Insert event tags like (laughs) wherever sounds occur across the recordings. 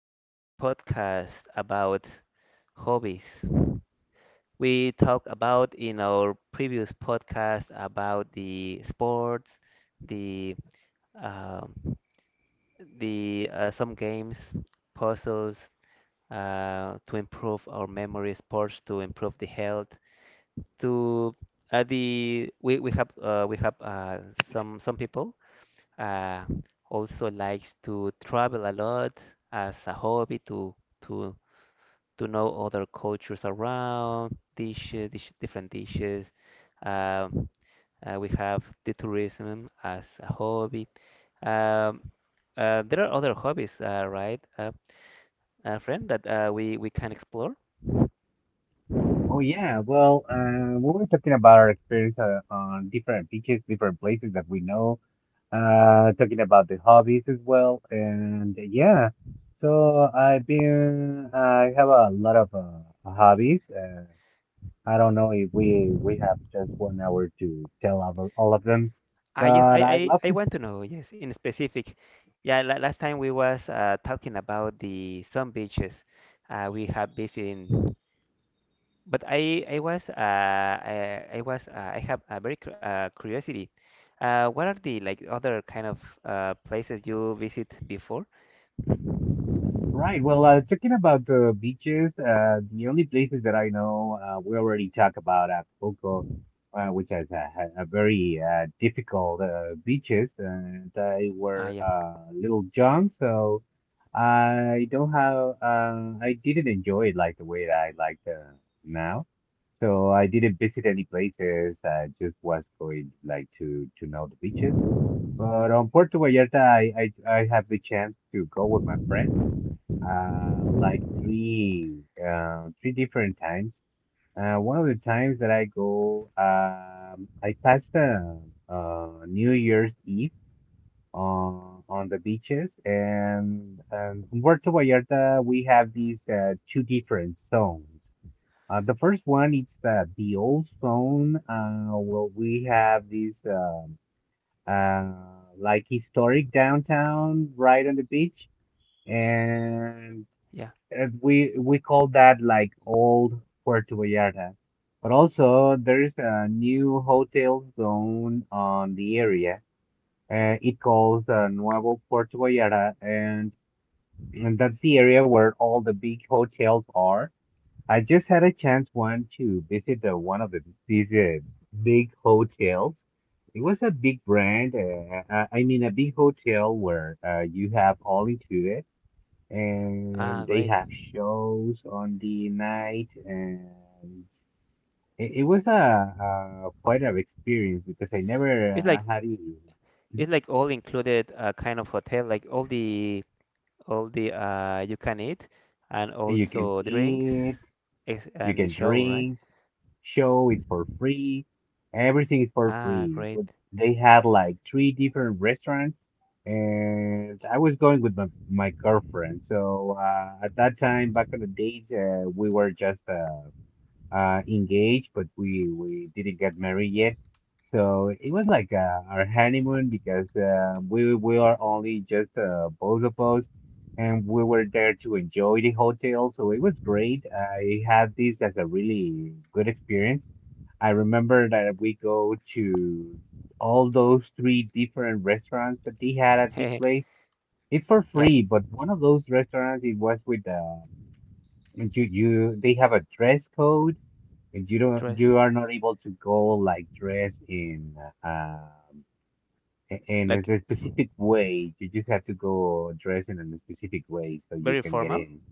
to the podcast about hobbies. We talked about in our previous podcast about the sports, the um, the some games, puzzles to improve our memory, sports to improve the health. To we have some people uh, also likes to travel a lot as a hobby to to know other cultures around, different dishes. Um, we have the tourism as a hobby. Um, there are other hobbies, right, friend, that we can explore. Oh yeah, well, we were talking about our experience on different beaches, different places that we know, talking about the hobbies as well, and yeah. So I have a lot of hobbies. I don't know if we have just 1 hour to tell of all of them, Ah, yes, but I, I love I to. want to know, yes, in specific. Yeah, la last time we was talking about the some beaches we have visited. But I have a very curiosity. What are the like other kind of places you visit before? Right. Well, talking about the beaches, the only places that I know, we already talked about Acapulco, which has a very difficult beaches, and I Ah, were yeah, little young, so I don't have, I didn't enjoy it like the way that I like now. So I didn't visit any places. I just was going like to know the beaches. But on Puerto Vallarta, I have the chance to go with my friends, like three different times. One of the times that I go, I passed New Year's Eve on the beaches, and in Puerto Vallarta we have these two different zones. The first one is the old zone, where we have these, uh, like historic downtown right on the beach, and yeah. We call that like old Puerto Vallarta. But also there's a new hotel zone on the area. It calls Nuevo Puerto Vallarta, and that's the area where all the big hotels are. I just had a chance one to visit one of these big hotels. It was a big brand. I mean, a big hotel where you have all included, Ah, and they great. have shows on the night, and it was quite an experience because I never It's like had it. it's like all included kind of hotel like all the you can eat and You can also drinks, eat, you and the can show, right? drink. Show is for free. Everything is for Ah, free. great. They had like three different restaurants, and I was going with my girlfriend. So at that time, back in the days, we were just engaged, but we didn't get married yet. So it was like our honeymoon because we are only just both of us, and we were there to enjoy the hotel. So it was great. I had this as a really good experience. I remember that we go to all those three different restaurants that they had at this place. It's for (laughs) Yeah, free, but one of those restaurants it was with and you they have a dress code, and dress, you are not able to go like dress um in like a specific way. You just have to go dress in a specific way so you very can get formal, in.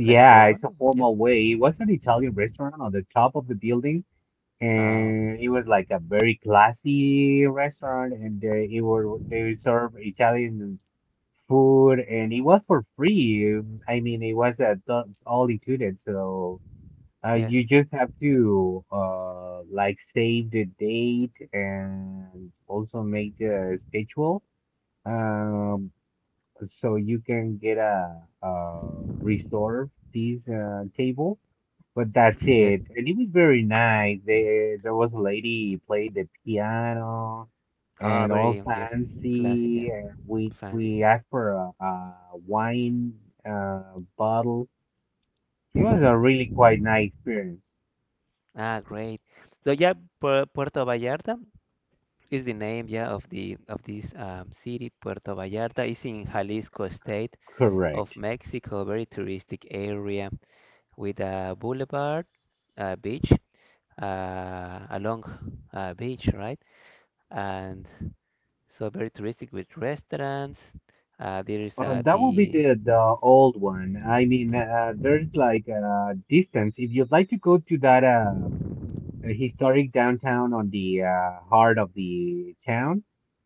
like formal, it's a yep. formal way. It was an Italian restaurant on the top of the building, Ah, and okay, it was like a very classy restaurant, and they it were they serve Italian food, and it was for free. I mean, it was all included, so yes. you just have to like save the date and also make the schedule, um so you can get a reserve this table. But that's (clears throat) Yes. it. And it was very nice. There was a lady played the piano Ah, and all very, yes. Classy, yeah. fancy. And we Fancy. we asked for a wine bottle. It was Mhm. a (laughs) really quite nice experience. Ah, great. So yeah, Puerto Vallarta is the name, yeah, of the of this city. Puerto Vallarta is in Jalisco state of Correct. Mexico, very touristic area with a boulevard, a beach, a long beach, right? And so very touristic with restaurants. There is That will be the. the old one. I mean, there's like a distance. If you'd like to go to that a historic downtown on the heart of the town.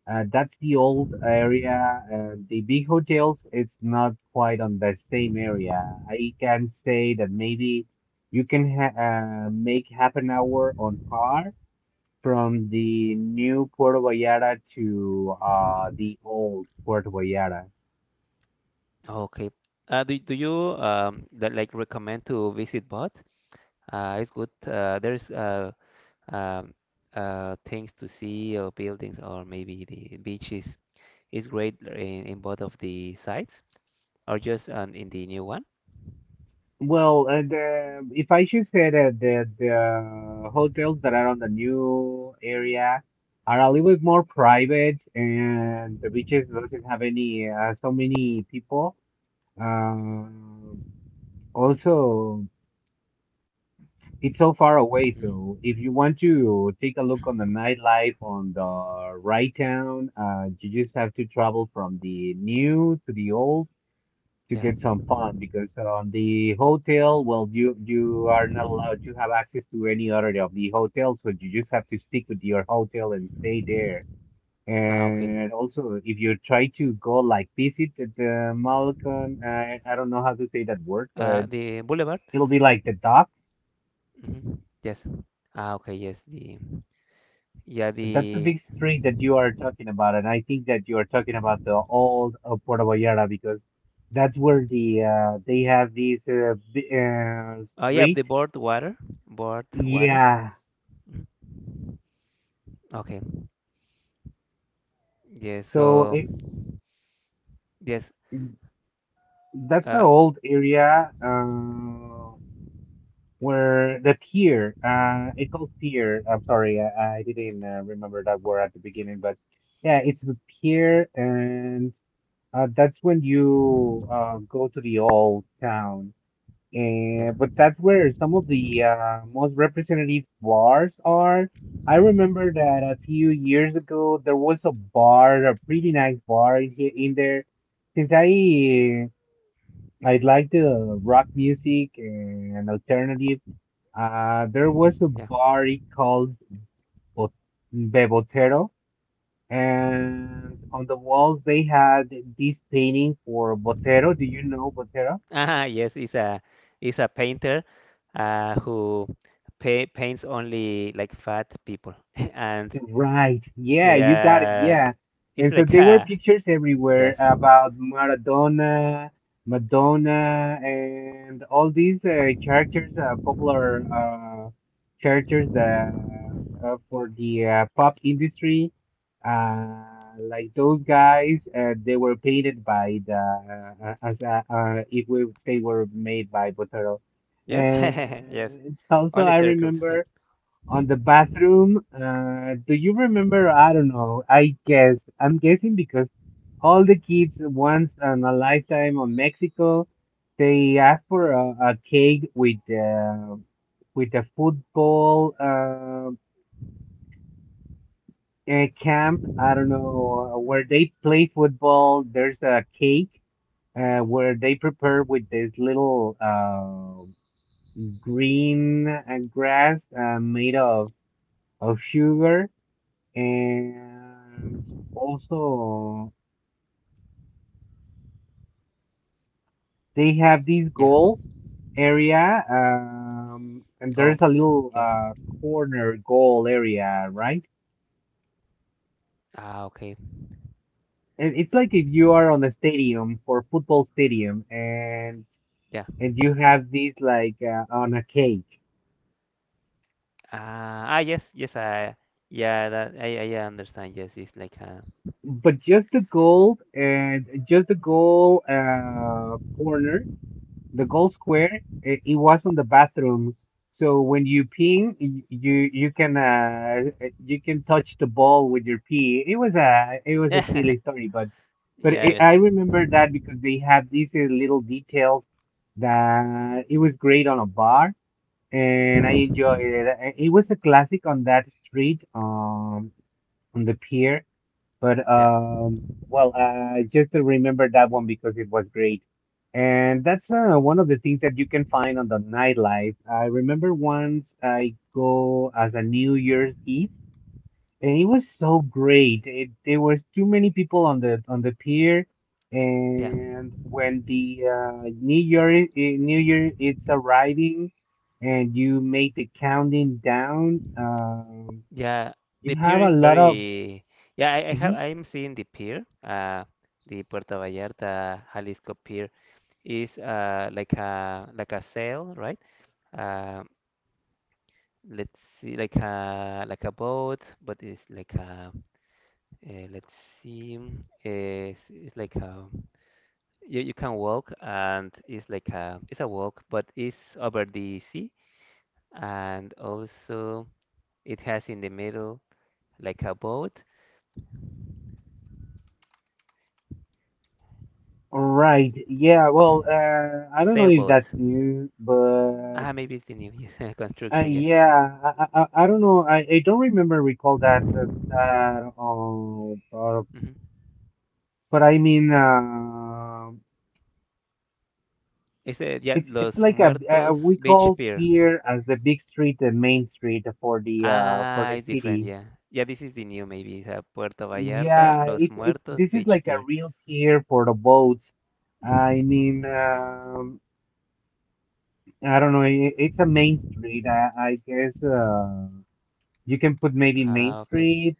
That's the old area. The big hotels, it's not quite on the same area. I can say that maybe you can ha make half an hour on car from the new Puerto Vallarta to the old Puerto Vallarta. Okay. Do you that like recommend to visit both? It's good. There's um things to see or buildings, or maybe the beaches is great in both of the sites, or just on in the new one. Well, and if I should say that the hotels that are on the new area are a little bit more private, and the beaches doesn't have any so many people. Um, Also, it's so far away, Mhm. so if you want to take a look on the nightlife on the right town, you just have to travel from the new to the old to Yeah. get some fun because on the hotel, well, you are not allowed to have access to any other of the hotels, so you just have to stick with your hotel and stay there. Ah, okay. And also, if you try to go like visit the Malcolm, I don't know how to say that word, but The boulevard. it'll be like the dock. Hmm. Yes. Ah, okay. Yes. The yeah That's the the big street that you are talking about, and I think that you are talking about the old Puerto Vallarta because that's where they have this oh yeah, the street. board water, board water. Yeah, Mhm. Okay. Yes. So So it, yes. that's the Uh. old area where the pier, it's called pier. I'm sorry, I didn't remember that word at the beginning, but yeah, it's the pier, and that's when you go to the old town. Yeah. And but that's where some of the most representative bars are. I remember that a few years ago there was a bar, a pretty nice bar in here in there, since I like the rock music and alternative. There was a Yeah. bar it called Bo- Bebotero, and on the walls they had this painting for Botero. Do you know Botero? Ah, yes. It's a painter, who pa paints only like fat people, (laughs) and Right. Yeah, you got it. yeah, Yeah. it's And so like (laughs) there were a pictures everywhere yes. about Maradona, Madonna, and all these characters, popular characters for the pop industry. Uh, like those guys, they were painted by the, as if we, they were made by Botero. Yes. (laughs) Yes. And it's also, Only I circles. Yeah. remember on the bathroom. Do you remember? I don't know. I guess I'm guessing because all the kids once in a lifetime on Mexico, they ask for a cake with a football a camp. I don't know where they play football. There's a cake. Where they prepare with this little green grass made of sugar, and also they have this Yeah. goal area, and there's a Golf. little Yeah. Corner goal area, right, Ah, okay. and it's like if you are on a stadium for football stadium, and Yeah. You have these like on a cake, Ah, ah, yes, yes, I, yeah, that I understand. Yes, it's like a, but just the goal and just the goal corner, the goal square. It was on the bathroom, so when you peeing you can you can touch the ball with your pee. It was a it was a (laughs) yeah, silly story, but yeah, I obviously. remember that because they had these little details that it was great on a bar, and I enjoyed it. It was a classic on that street, on the pier, but Yeah, well, I just remember that one because it was great, and that's one of the things that you can find on the nightlife. I remember once I go as a New Year's Eve, and it was so great. There was too many people on the pier, yeah, and when the New Year I- New Year it's arriving, and you make the counting down, yeah. you The have pier a is lot of. very, yeah. I have, (laughs) I'm seeing the pier. The Puerto Vallarta Jalisco pier is like a sail, right? Um, let's see, like a boat, but it's like a, let's see, mm, it's like a. You can walk and it's like a it's a walk, but it's over the sea, and also it has in the middle like a boat, All right. Yeah. Well, I don't know if sailboat. that's new, but Ah, maybe it's the new (laughs) construction, yeah. yeah, I don't know. I don't remember recall that. Uh, uh, Hmm, but I mean, it's a, yeah, it's Los like Muertos we Beach call Pier. Pier as the big street, the main street for Ah, the it's different, city. yeah. Yeah, this is the new, maybe it's a Puerto Vallarta Yeah, Los it's Muertos this is Beach like a Pier. real pier for the boats. I Hmm. mean, I don't know. I it's a main street, I guess. You can put maybe Main Ah, okay. Street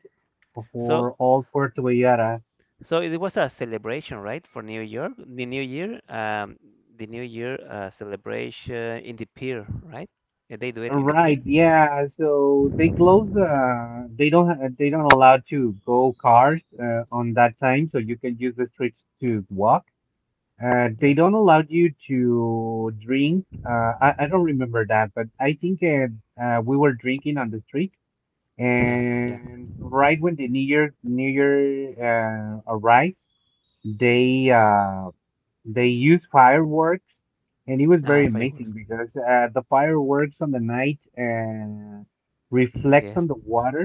So, for all Puerto Vallarta. so it was a celebration, right, for New York, the New Year celebration in the pier, right? They do it in the pier. Right, yeah. So they close the. They don't. They don't allow to go cars on that time, so you can use the streets to walk. They Yes. don't allow you to drink. I don't remember that, but I think we were drinking on the street, (laughs) Yeah. and right when the New Year arrives, they uh, They used fireworks, and it was Ah, very fireworks. amazing because the fireworks on the night Mhm, reflects on yes. the water,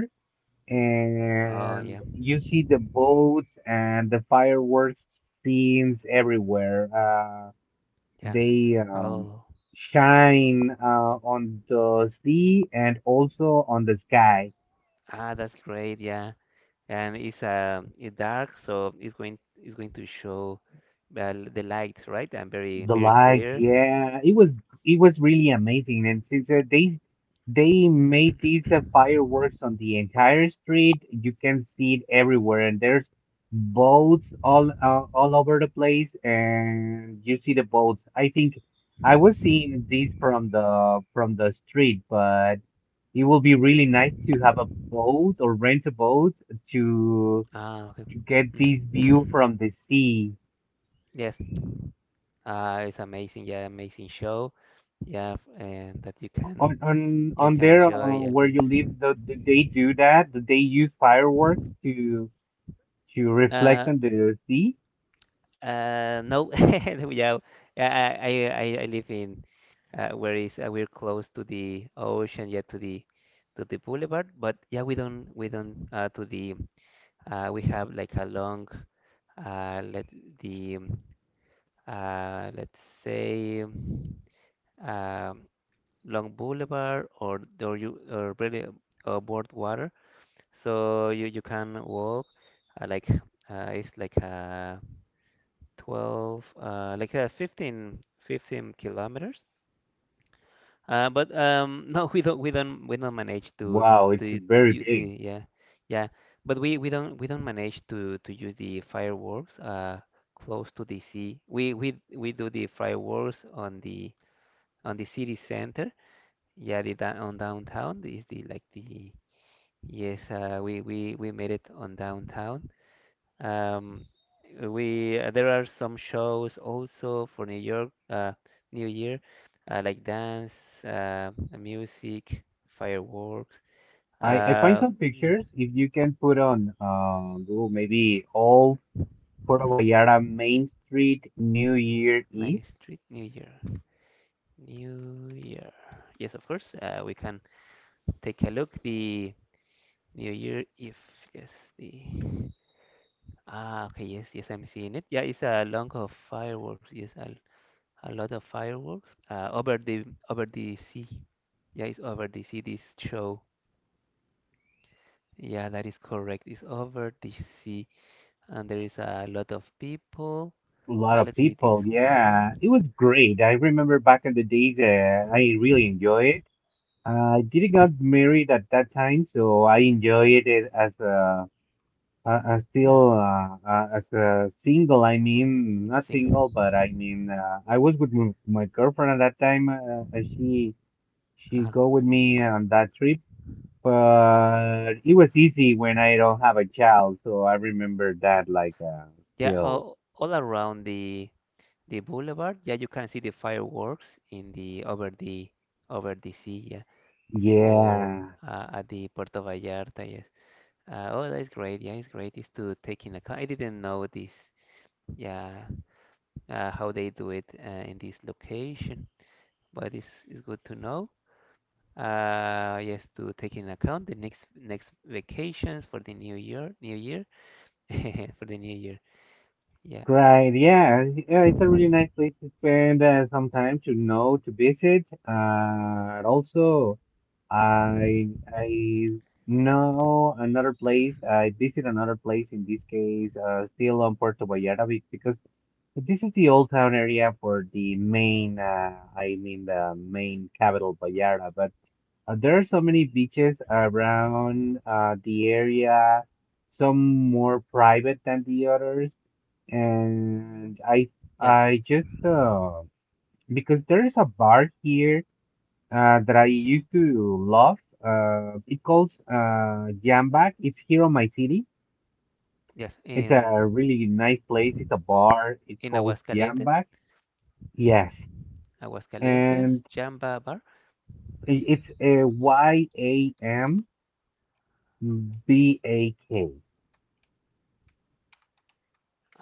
Oh, and yeah. you see the boats and the fireworks scenes everywhere. Yeah. They Oh. shine on the sea and also on the sky. Ah, that's great. Yeah. And it's dark, so it's going to show the light, right? And The very lights, clear. yeah, it was really amazing. And since they made these (clears throat) fireworks on the entire street, you can see it everywhere. And there's boats all over the place, and you see the boats. I think I was seeing these from the street, but it will be really nice to have a boat or rent a boat to Ah, okay. to get this view Mhm. from the sea. (laughs) Yes. It's amazing, yeah, amazing show, yeah, and that On on you on can there, enjoy, yeah, where this. you live, do they do that? Do they use fireworks to reflect Uh, on the sea? No, (laughs) yeah, I live in where is we're close to the ocean, yeah, to the boulevard, but yeah, we don't to the we have like a long let the let's say um, Long Boulevard, or you or really boardwalk. So you can walk uh, like it's like 12 15 15 kilometers. But (laughs) no, we don't we don't manage Wow, it's to very you big. the yeah yeah. But we don't manage to use the fireworks close to the sea. We do the fireworks on the city center. Yeah, the downtown is the like the yes, we made it on downtown. Um, we there are some shows also for New York, New Year, like dance, uh, music, fireworks. I find Uh, some yeah, pictures. If you can put on Google, maybe old Puerto mhm, Vallarta Main Street New Year my Eve. street New Year, New Year. Yes, of course. We can take a look the New Year Eve. Yes, the ah okay. Yes, yes, I'm seeing it. Yeah, it's a long of fireworks. Yes, I'll A lot of fireworks over the sea. Yeah, it's over the sea. This show. Yeah, that is correct. It's over the sea, and there is a lot of people. A lot of Let's see this people. Yeah, one. it was great. I remember back in the days, Uh-huh. I really enjoyed it. I didn't Hmm. got married at that time, so I enjoyed it as a I Yeah, feel as a single, I mean, not single. single, but I mean, I was with my girlfriend at that time. She Uh-huh. go with me on that trip, but it was easy when I don't have a child, so I remember that like Yeah, still, all around the boulevard. Yeah, you can see the fireworks in the over the over the sea. Yeah, for yeah. At the Puerto Vallarta. Yes. Oh, that's great. Yeah, it's great. It's to take in account. I didn't know this. Yeah, how they do it in this location, but it's good to know. Yes, to take in account the next next vacations for the new year, (laughs) for the new year. Yeah, Right, yeah, yeah, it's a really nice place to spend some time to know, to visit. And also, I know another place. I visit another place in this case, still on Puerto Vallarta because this is the old town area for the main. I mean the main capital, Vallarta. There are so many beaches around the area, some more private than the others. And I yeah, I just because there is a bar here that I used to love. It calls Jambak. It's here on my city. yes. It's a really nice place. It's a bar. It In calls Aguascalientes, Jambak. mhm, Yes, Aguascalientes, and Jamba Bar. It's a YAMBAK.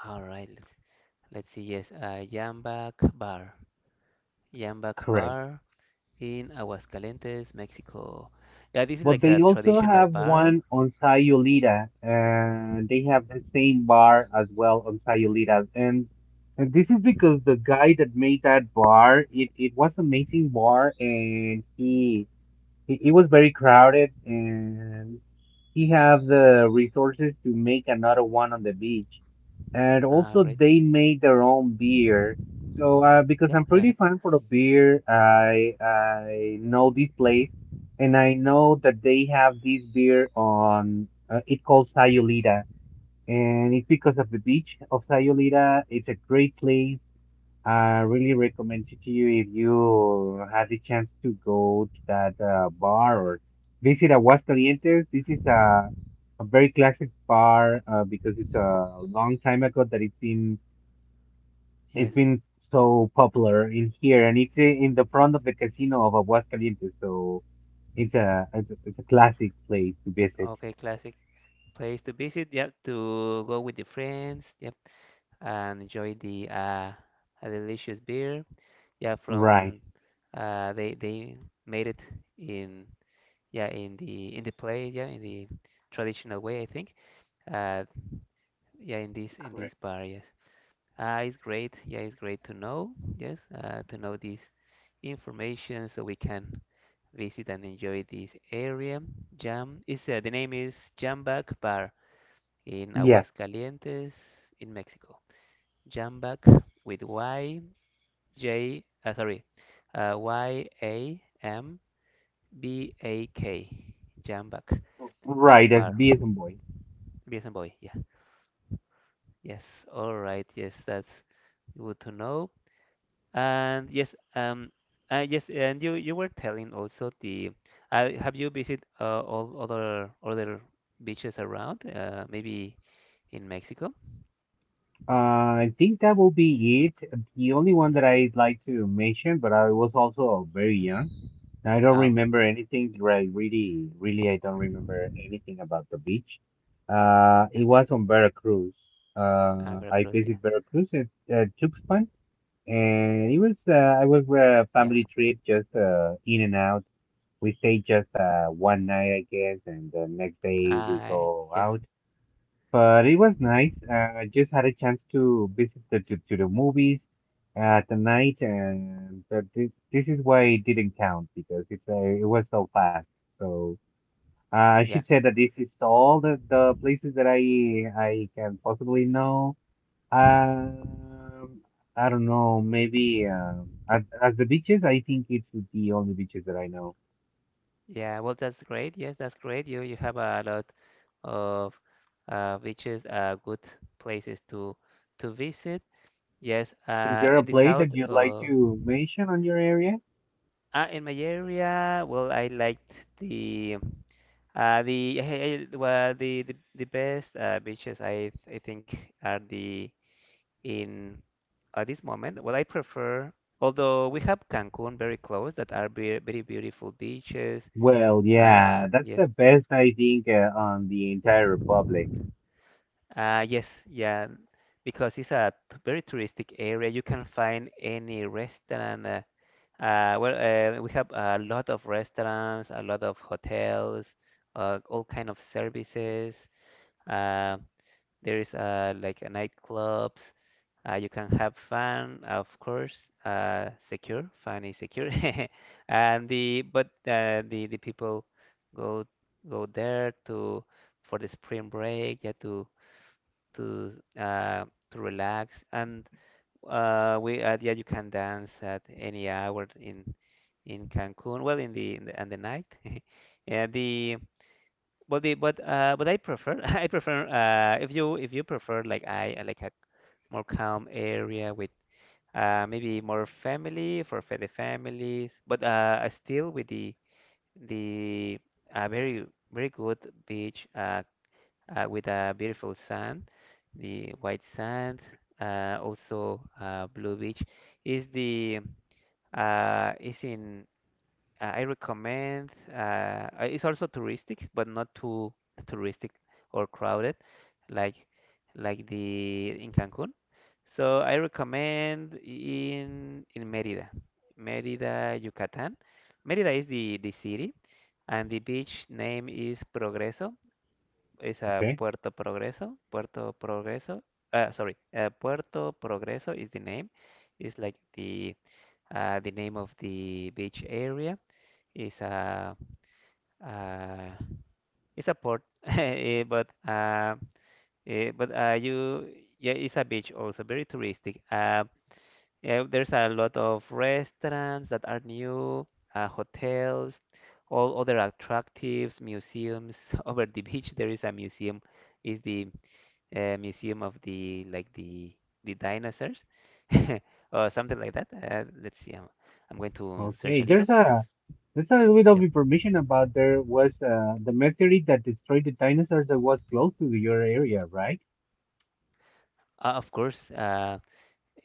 All right, let's see. Yes, Jambak Bar, Jambak Correct. Bar. In Aguascalientes, Mexico. Yeah, this is But like they a also traditional have bar. one on Sayulita, and they have the same bar as well on Sayulita. And this is because the guy that made that bar, it was amazing bar, and he it was very crowded, and he have the resources to make another one on the beach. And Ah, also, great. they made their own beer. So, because Yeah. I'm pretty (laughs) fan for the beer, I know this place, and I know that they have this beer on. It called Sayulita, and it's because of the beach of Sayulita. It's a great place. I really recommend it to you if you had the chance to go to that bar or visit Aguascalientes. This is a very classic bar because it's a long time ago that Yes. it's been so popular in here, and it's in the front of the casino of Aguascalientes, so it's a classic place to visit. Okay, classic place to visit. Yep, to go with the friends. Yep, and enjoy the a delicious beer. Yeah, Right, from they made it in yeah in the place yeah in the traditional way I think. Uh, yeah, in this correct. bar. Yes. It's great. Yeah, it's great to know. Yes, to know this information so we can visit and enjoy this area. Jam is the name is Jambac Bar in Yeah, Aguascalientes, in Mexico. Jambac with Y J. YAMBAK. Jambac right. As Bar. B as in boy. Beers and boy. Yeah. Yes. All right. Yes, that's good to know. And yes, yes, and you were telling also the have you visited all other other beaches around? Maybe in Mexico? I think that will be it. The only one Hmm. that I'd like to mention, but I was also very young. I don't Ah, okay. remember anything. Right, really, really, I don't remember anything about the beach. Yeah, It was on Veracruz. I Veracruz. Yeah, visited Veracruz at Tuxpan, and it was I was a yeah. family trip, just in and out. We stayed just one night, I guess, and the next day we I go yes, out. But it was nice. I just had a chance to visit the, to the movies at the night, and but this is why it didn't count because it's it was so fast. So I should yeah. say that this is all the places that I can possibly know. Hmm. Um, I don't know. Maybe as the beaches, I think it's the only beaches that I know. Yeah. Well, that's great. Yes, that's great. You have a lot of beaches, good places to visit. Yes. Is there a In the place south. that you'd like to mention on your area? Uh, in my area, well, I liked the (laughs) eh, eh, well, the best beaches I think are the in at this moment. Well, I prefer, although we have Cancun very close, that are very, very beautiful beaches. Well, yeah, that's Yes, the best I think on the entire republic. uh, yes, yeah, because it's a very touristic area. You can find any restaurant. Well, we have a lot of restaurants, a lot of hotels, all kind of services. Uh, there is like a nightclubs. You can have fun, of course. Secure, fun is secure, (laughs) and the but the people go go there to for the spring break. Yeah, to uh, to relax, and we yeah, you can dance at any hour in Cancun, well in the in the, in the night. (laughs) Yeah the but I prefer (laughs) I prefer if you prefer like I like a more calm area with maybe more family for the families, but still with the uh, very very good beach with a beautiful sand, the white sand, also Blue Beach is the is in I recommend it's also touristic but not too touristic or crowded like like the in Cancun. So I recommend in Mérida, Mérida, Yucatán. Mérida is the city and the beach name is Progreso, is Okay. Okay. Puerto Progreso. Puerto Progreso. Puerto Progreso is the name. It's like the name of the beach area. It's a uh, it's a port, (laughs) eh, but you yeah, it's a beach also very touristic. Yeah, there's a lot of restaurants that are new, hotels, all other attractives, museums. (laughs) Over the beach, there is a museum. Is the museum of the like the dinosaurs (laughs) or something like that. Let's see. I'm going to search Okay, a there's little. a there's a little bit of Yep. information about there was the meteorite that destroyed the dinosaurs that was close to your area, right? Of course.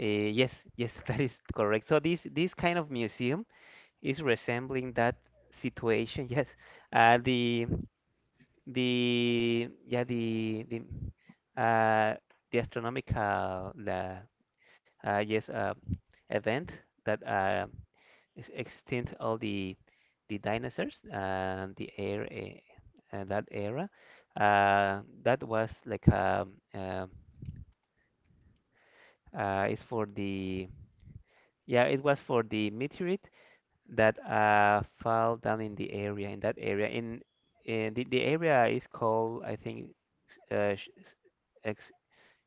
Yes, yes, (laughs) that is correct. So this kind of museum is resembling that situation. (laughs) Yes. Uh, the the yeah, the astronomical the yes event that is extinct all the dinosaurs and that era. That was like uh, it's for the yeah it was for the meteorite that fell down in that area in the area is called, I think, Sh- S- Ex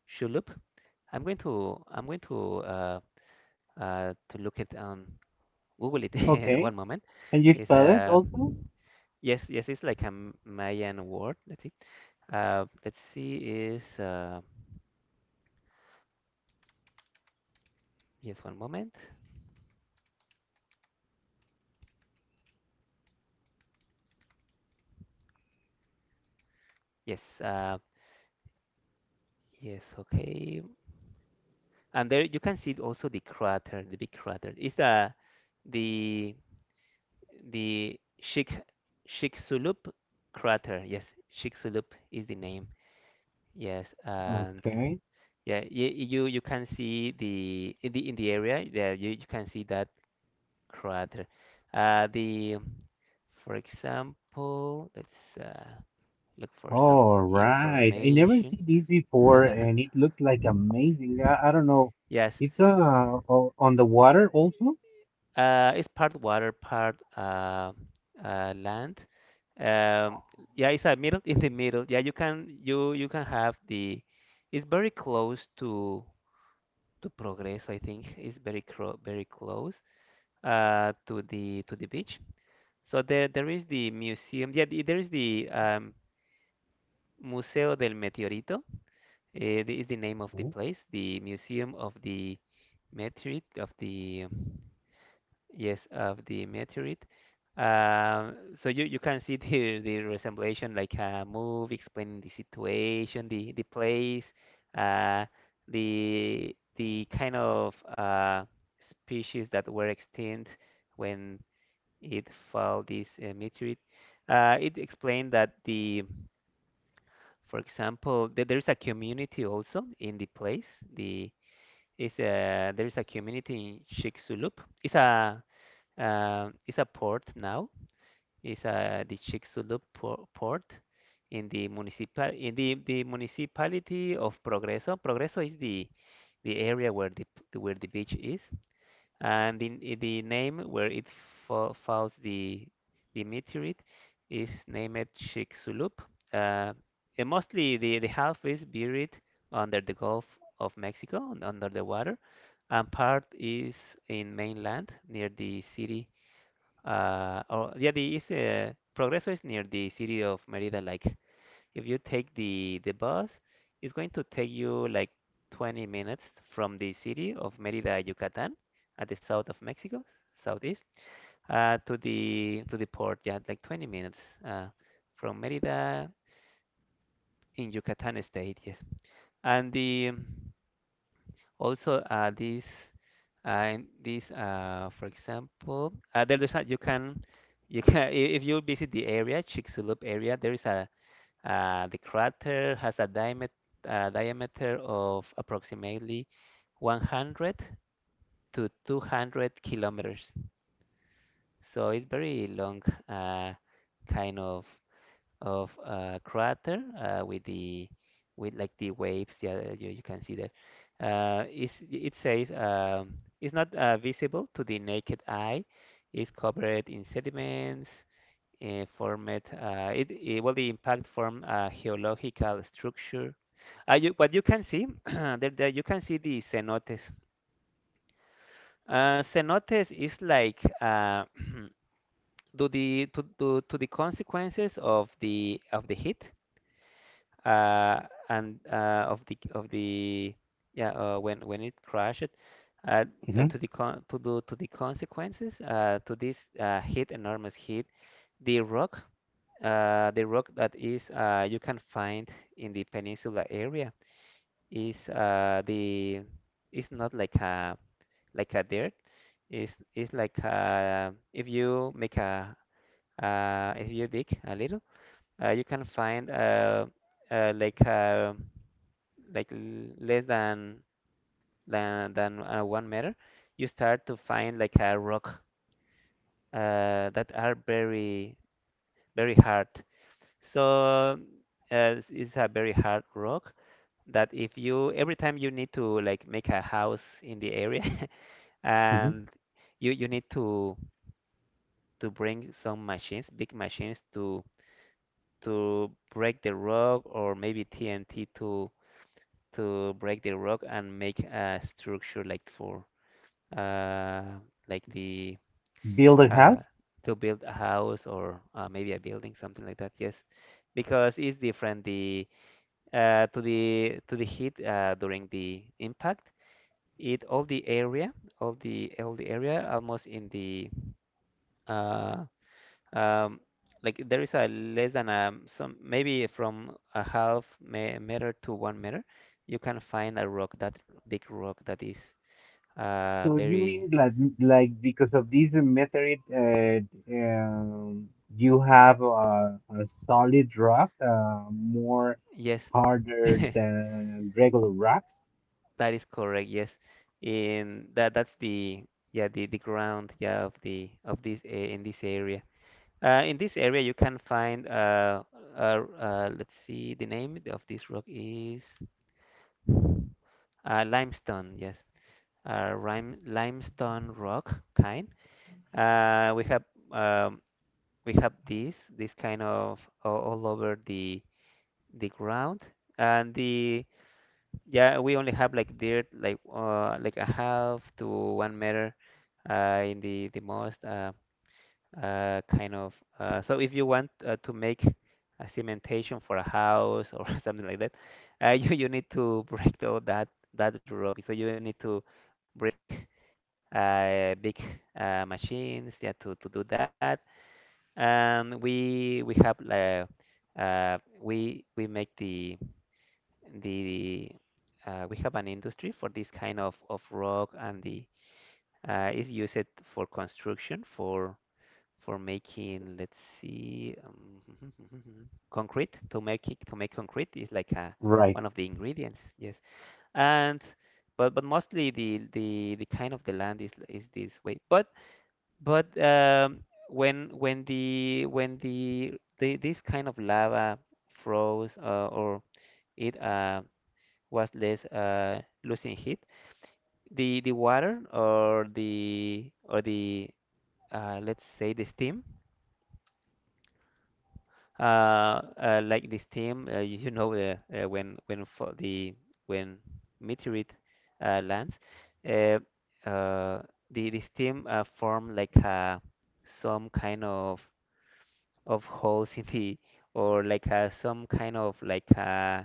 Shulup. I'm going to look it on Google it. (laughs) Okay, One moment. can you Is spell it also? Yes, yes, it's like a Mayan word. Let's see. Let's see. Is yes. One moment. Yes. Yes. Okay. And there you can see also the crater, the big crater. It's the the the Shik Shiksulub crater. Yes, Shiksulub is the name. Yes, and Okay, yeah, y- you can see the in the area. Yeah, you can see that crater. Uh, the, for example, let's look for some all right. I never information. see this (laughs) before, and it looks like amazing. I don't know. Yes, It's on the water also. It's part water, part land. Um, yeah, it's a middle in the middle. Yeah, you can have the. It's very close to Progreso, I think. It's very cro very close to the beach. So there is the museum. Yeah, there is the Museo del Meteorito. This is the name of the Okay. place, the Museum of the Meteorite, of the, yes, of the meteorite. So you can see (laughs) the resemblation, like a movie explaining the situation, the place, uh, the kind of species that were extinct when it fell, this meteorite. It explained that the for example, there is a community also in the place. The there is a community in Chicxulub. It's a it's a port now. It's a the Chicxulub port in the municipal in the municipality of Progreso. Progreso is the area where where the beach is, and the name where it fa falls the meteorite is named Chicxulub. Uh, and mostly the half is buried under the Gulf of Mexico, under the water, and part is in mainland near the city. Or yeah, the is Progreso is near the city of Merida. Like, if you take the bus, it's going to take you like 20 minutes from the city of Mérida, Yucatán, at the south of Mexico, southeast, to the port. Yeah, like 20 minutes uh, from Mérida in Yucatán state. Yes, and the also this in this, for example, there's a, you can if you visit the area, Chicxulub area, there is a the crater has a diamet diameter of approximately 100 to 200 kilometers. So it's very long, uh, kind of crater, with the with like the waves. Yeah, you can see that. It says, it's not visible to the naked eye. It's covered in sediments, formed it, it well the impact form a geological structure, you, what you can see (clears throat) there you can see the cenotes. Cenotes is like, (clears throat) to the consequences of the heat uh, and of the yeah when it crashed, uh, Mm-hmm. To the consequences to this heat, enormous heat, the rock. The rock that is you can find in the peninsula area is the it's not like a like a dirt. It's like, if you dig a little, you can find, uh, like uh, less than 1 meter, you start to find like a rock that are very very hard. So, it's a very hard rock that, if you, every time you need to like make a house in the area, (laughs) Mm-hmm. and you need to bring some machines, big machines, to break the rock, or maybe TNT to break the rock and make a structure like for uh like the Build a uh house? to build a house or, maybe a building, something like that. Yes. Because it's different the, to the heat during the impact, it, all the area, all the area almost in the, uh, um, like there is a less than a some, maybe from a half me meter to 1 meter, you can find a rock that big rock that is So you very mean like because of these method, um, you have a solid rock, more yes. harder (laughs) That than regular rocks? is correct, yes, in that, that's the, yeah, the ground, yeah, of the, of this in this area. In this area you can find, let's see, the name of this rock is limestone, yes. Limestone rock kind. We have, um, we have this kind of all over the ground. And the, yeah, we only have like dirt, like, like a half to 1 meter in the most, kind of, so if you want, to make a cementation for a house or (laughs) something like that, you need to break down that rock, so you need to bring, big, machines, yeah, to do that. And we have, we make the we have an industry for this kind of rock, and the, is used for construction, for making, let's see, (laughs) concrete. To make it, to make concrete, is like a Right. one of the ingredients. Yes, and but mostly the kind of the land is this way. But when the, this kind of lava froze, or it, was less, losing heat, the water or the or the, let's say, the steam, like this team, when for the when meteorite lands, uh, uh, the this team form like, some kind of holes in the, or like, some kind of like, uh,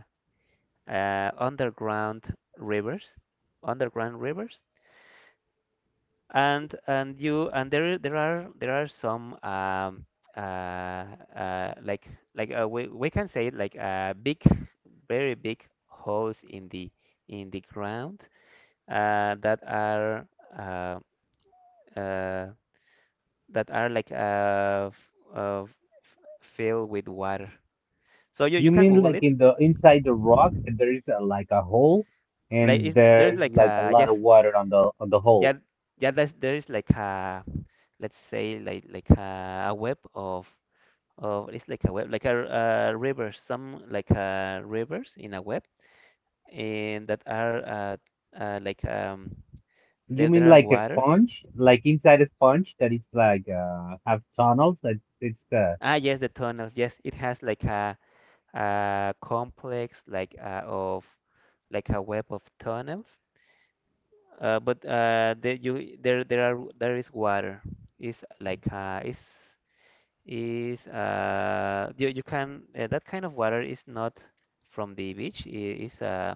uh, underground rivers, underground rivers. And you and there there are some, uh, uh, like we can say it like, big, very big holes in the ground, that are, uh, uh, that are like, filled with water. So you You can mean Google like it. in the inside the rock, there is a, like a hole, Like and is there's there's like like a a lot yes of water on the hole. yeah yeah there is like a, let's say, like a web of, it's like a web, like a, rivers, some like rivers in a web, and that are, like, You there mean are like a water. sponge, like inside a sponge that it's like have tunnels that it's Ah, yes, the tunnels. Yes, it has like a complex, like, of like a web of tunnels. But there you there there are there is water. It's like, it's is you can, that kind of water is not from the beach. It is uh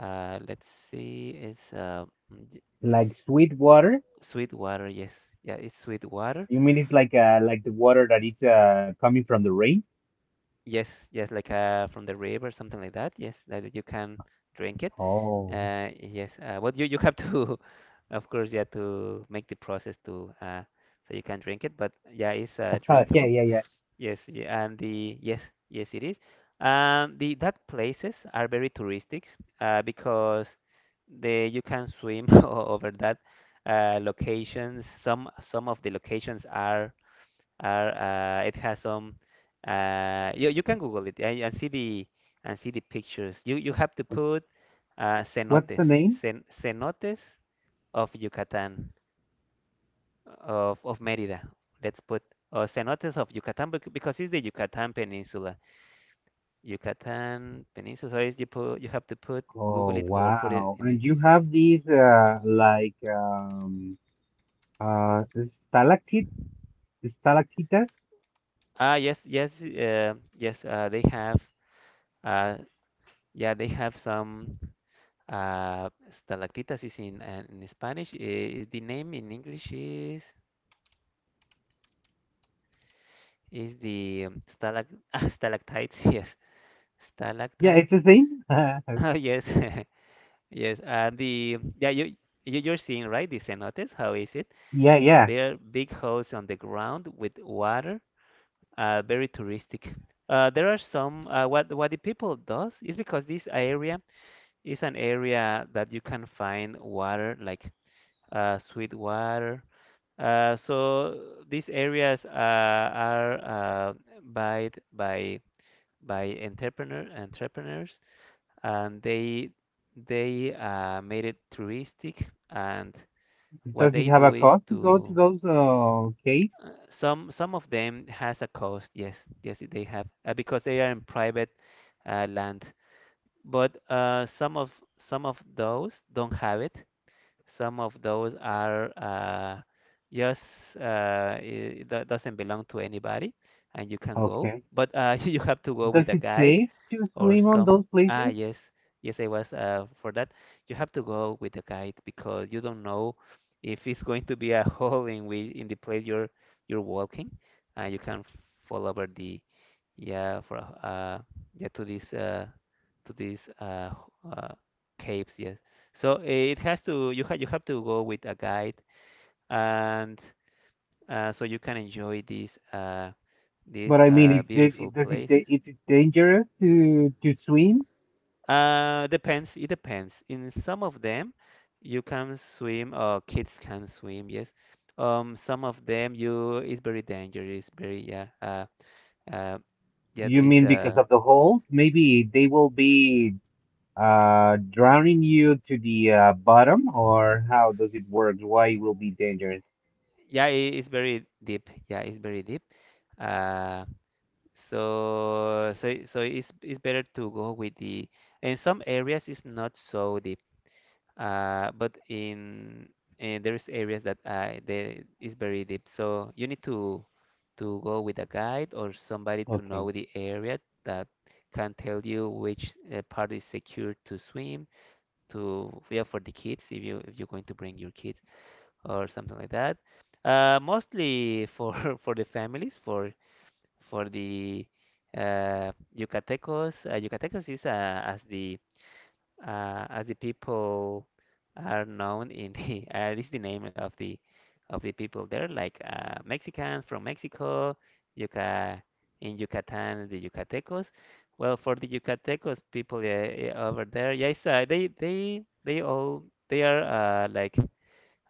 Uh, let's see. It's mm, y- like sweet water? sweet water. Yes, yeah, it's sweet water. You mean it's like the water that it's coming from the rain? Yes, yes, like, from the river, something like that. Yes, that you can drink it. Oh, Yes, but you have to, (laughs) of course, yeah, to make the process to so you can drink it. But yeah, it's, yeah, drinkable. yeah, yeah. Yes, y- and the yes, yes, it is. And the, that places are very touristic, because the you can swim (laughs) over that, locations. Some of the locations are it has some, you you can Google it and see the pictures. You have to put, What's the name? Cenotes of Yucatan, of Mérida. Let's put, or cenotes of Yucatan, because it's the Yucatan Peninsula. Yucatan Peninsula. Is you put You have to put Oh, Google it or put it wow. in the. And you have these like uh stalactite stalactites? Ah, yes yes yes they have, uh, yeah they have some, stalactitas is in, in Spanish. The name in English is the, stalact (laughs) stalactites, yes, Yeah, it's stalactites. the same. (laughs) Ah, (laughs) yes, (laughs) yes, the yeah you. You- You're seeing, right, the cenotes? How is it? Yeah, yeah. They are big holes on the ground with water, very touristic. There are some, what the people does is, because this area is an area that you can find water like, sweet water. So these areas, are, uh, bought by entrepreneurs, and they made it touristic, and what Does they it have do a is cost to go to to those caves? Some of them has a cost. Yes, yes, they have, because they are in private, land. But some of those don't have it. Some of those are just doesn't belong to anybody, and you can go. Okay. But (laughs) you have to go with Does a it guide safe to or swim on some those ah places? yes yes, I was for that. You have to go with a guide because you don't know if it's going to be a (laughs) hole in which in the place you're walking. You can fall over the. Yeah for uh yeah to this, to these caves, yes. So it has to, you have to go with a guide, and so you can enjoy these But I mean, beautiful it does it places. is it dangerous to swim? Depends. It depends. In some of them, you can swim, or kids can swim. Yes. Some of them, you, it's very dangerous. Very, yeah. Uh, yeah. You It's mean because of the holes? Maybe they will be drowning you to the bottom, or how does it work? Why it will be dangerous? yeah. It, it's very deep. Yeah, it's very deep. Uh, so it's better to go with the. In some areas, it's not so deep, but in there is areas that, there is very deep. So you need to go with a guide or somebody to Okay. know the area that can tell you which part is secure to swim to. Yeah, for the kids, if you if you're going to bring your kids or something like that. Mostly for (laughs) for the families, for the uh, Yucatecos. Yucatecos is, as the people are known in the (laughs) this is the name of the people there, like Mexicans from Mexico. Yuca In Yucatan, the Yucatecos. Well, for the Yucatecos people, over there, yes. They all they are, like,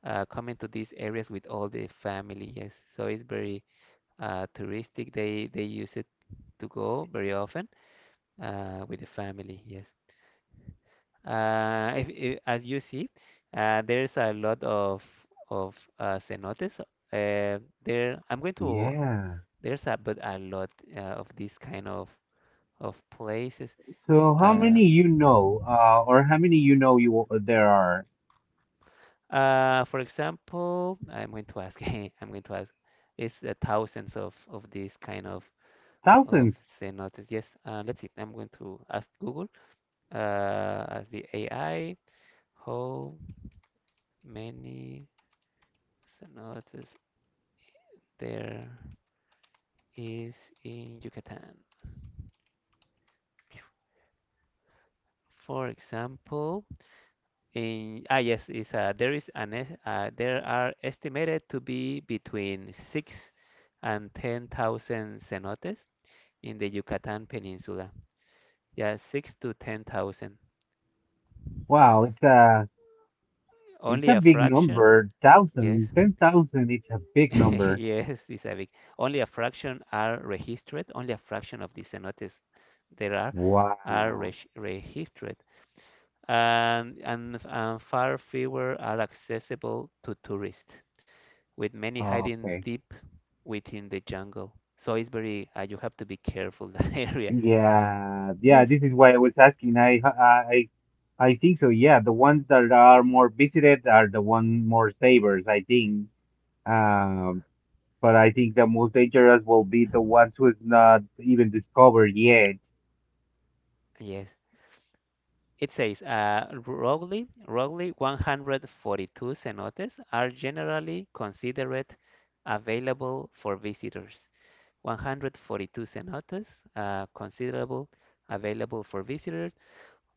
coming to these areas with all the family, yes, so it's very touristic. They use it to go very often with the family, yes. If, As you see, there's a lot of cenotes. There, I'm going to. Yeah. There's a, but a lot of these kind of places. So how Uh, many you know, or how many you know you there are? For example, I'm going to ask. (laughs) I'm going to ask. Is thousands of these kind of Thousands. cenotes? Yes. Let's see. I'm going to ask Google. As the AI, how many cenotes there? Is in Yucatan. For example, in, ah yes, is there is an es- there are estimated to be between 6 to 10,000 cenotes in the Yucatan Peninsula. Yeah, 6 to 10,000. Wow, it's a it's Only a a big fraction. number. Yes, Thousand, 10,000. It's a (laughs) big number. yes, it's a big. Only a fraction are registered. Only a fraction of the cenotes there are Wow. Registered, and far fewer are accessible to tourists, with many hiding Okay. deep within the jungle. So it's very, you have to be careful that (laughs) area. Yeah, yeah, Yes, this is why I was asking. I think so. Yeah, the ones that are more visited are the one more savers, I think. Um, but I think the most dangerous will be the ones who's not even discovered yet. yes. It says, roughly 142 cenotes are generally considered available for visitors. 142 cenotes, considerable, available for visitors.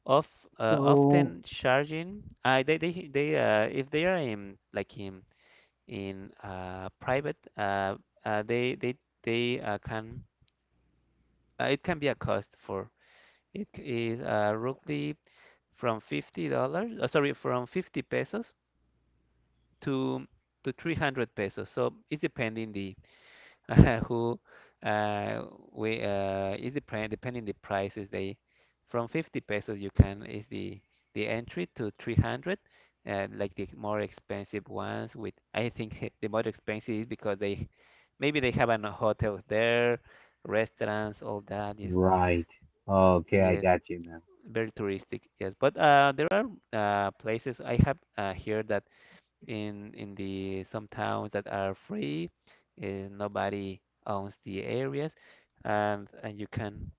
Of So, often charging. They If they are in, like, in private, uh, they they they can, it can be a cost for it c- is roughly from $50, sorry from 50 pesos to 300 pesos. So it's depending the (laughs) who, uh, we is the depending the prices they. From 50 pesos, you can, is the entry, to 300, like the more expensive ones. With, I think, (laughs) the more expensive is because they maybe they have an hotel there, restaurants, all that, yes. right. Okay, I Yes, got you now. very touristic, yes. But there are places I have here that in the some towns that are free, nobody owns the areas, and you can,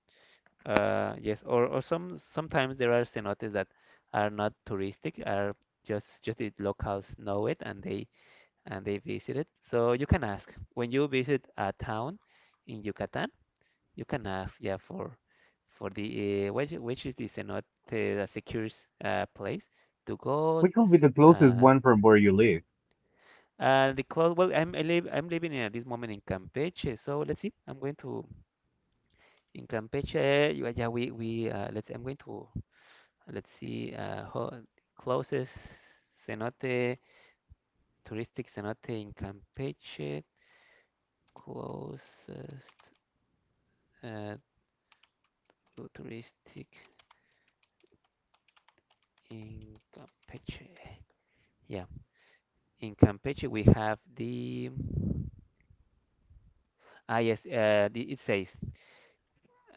yes. Or some sometimes there are cenotes that are not touristic, are just the locals know it, and they visit it. So you can ask, when you visit a town in Yucatan, you can ask, yeah, for the which is the cenote that secures place to go. Which will be the closest Uh, one from where you live? The clothes. Well, I'm I live, I'm living in, at this moment, in Campeche, so let's see. I'm going to, in Campeche. Yeah, yeah, we Let's. I'm going to, let's see. Closest cenote, touristic cenote in Campeche. Closest uh, touristic in Campeche. Yeah, in Campeche we have the. Ah yes, the, it says,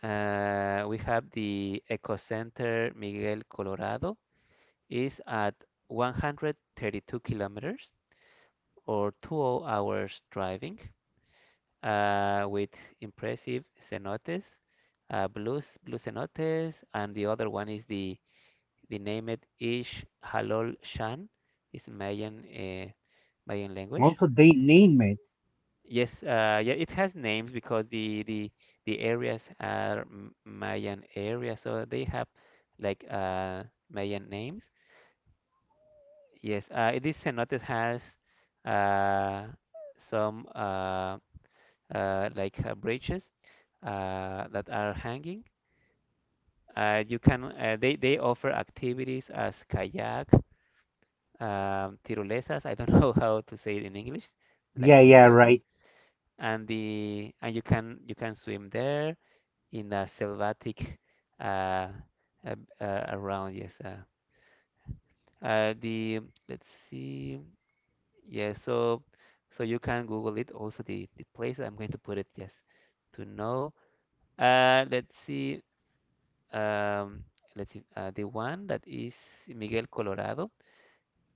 we have the Eco Center Miguel Colorado. Is at 132 kilometers or 2 hours driving, with impressive cenotes, blue cenotes, and the other one is the named Ish Halol Shan. It's Mayan, Mayan language. Also, they name it. Yes, yeah, it has names because the areas are Mayan areas, so they have like Mayan names. Yes, this cenote has uh, some like branches that are hanging. You can they offer activities as kayak, tirolesas. I don't (laughs) know how to say it in English, Yeah, like yeah, tirolesa. right. And you can, you can swim there in a selvatic uh, uh, around, yes. The Let's see. Yeah, so so you can Google it. Also the place I'm going to put it, just to know. Let's see. Um, let's see. The one that is Miguel Colorado,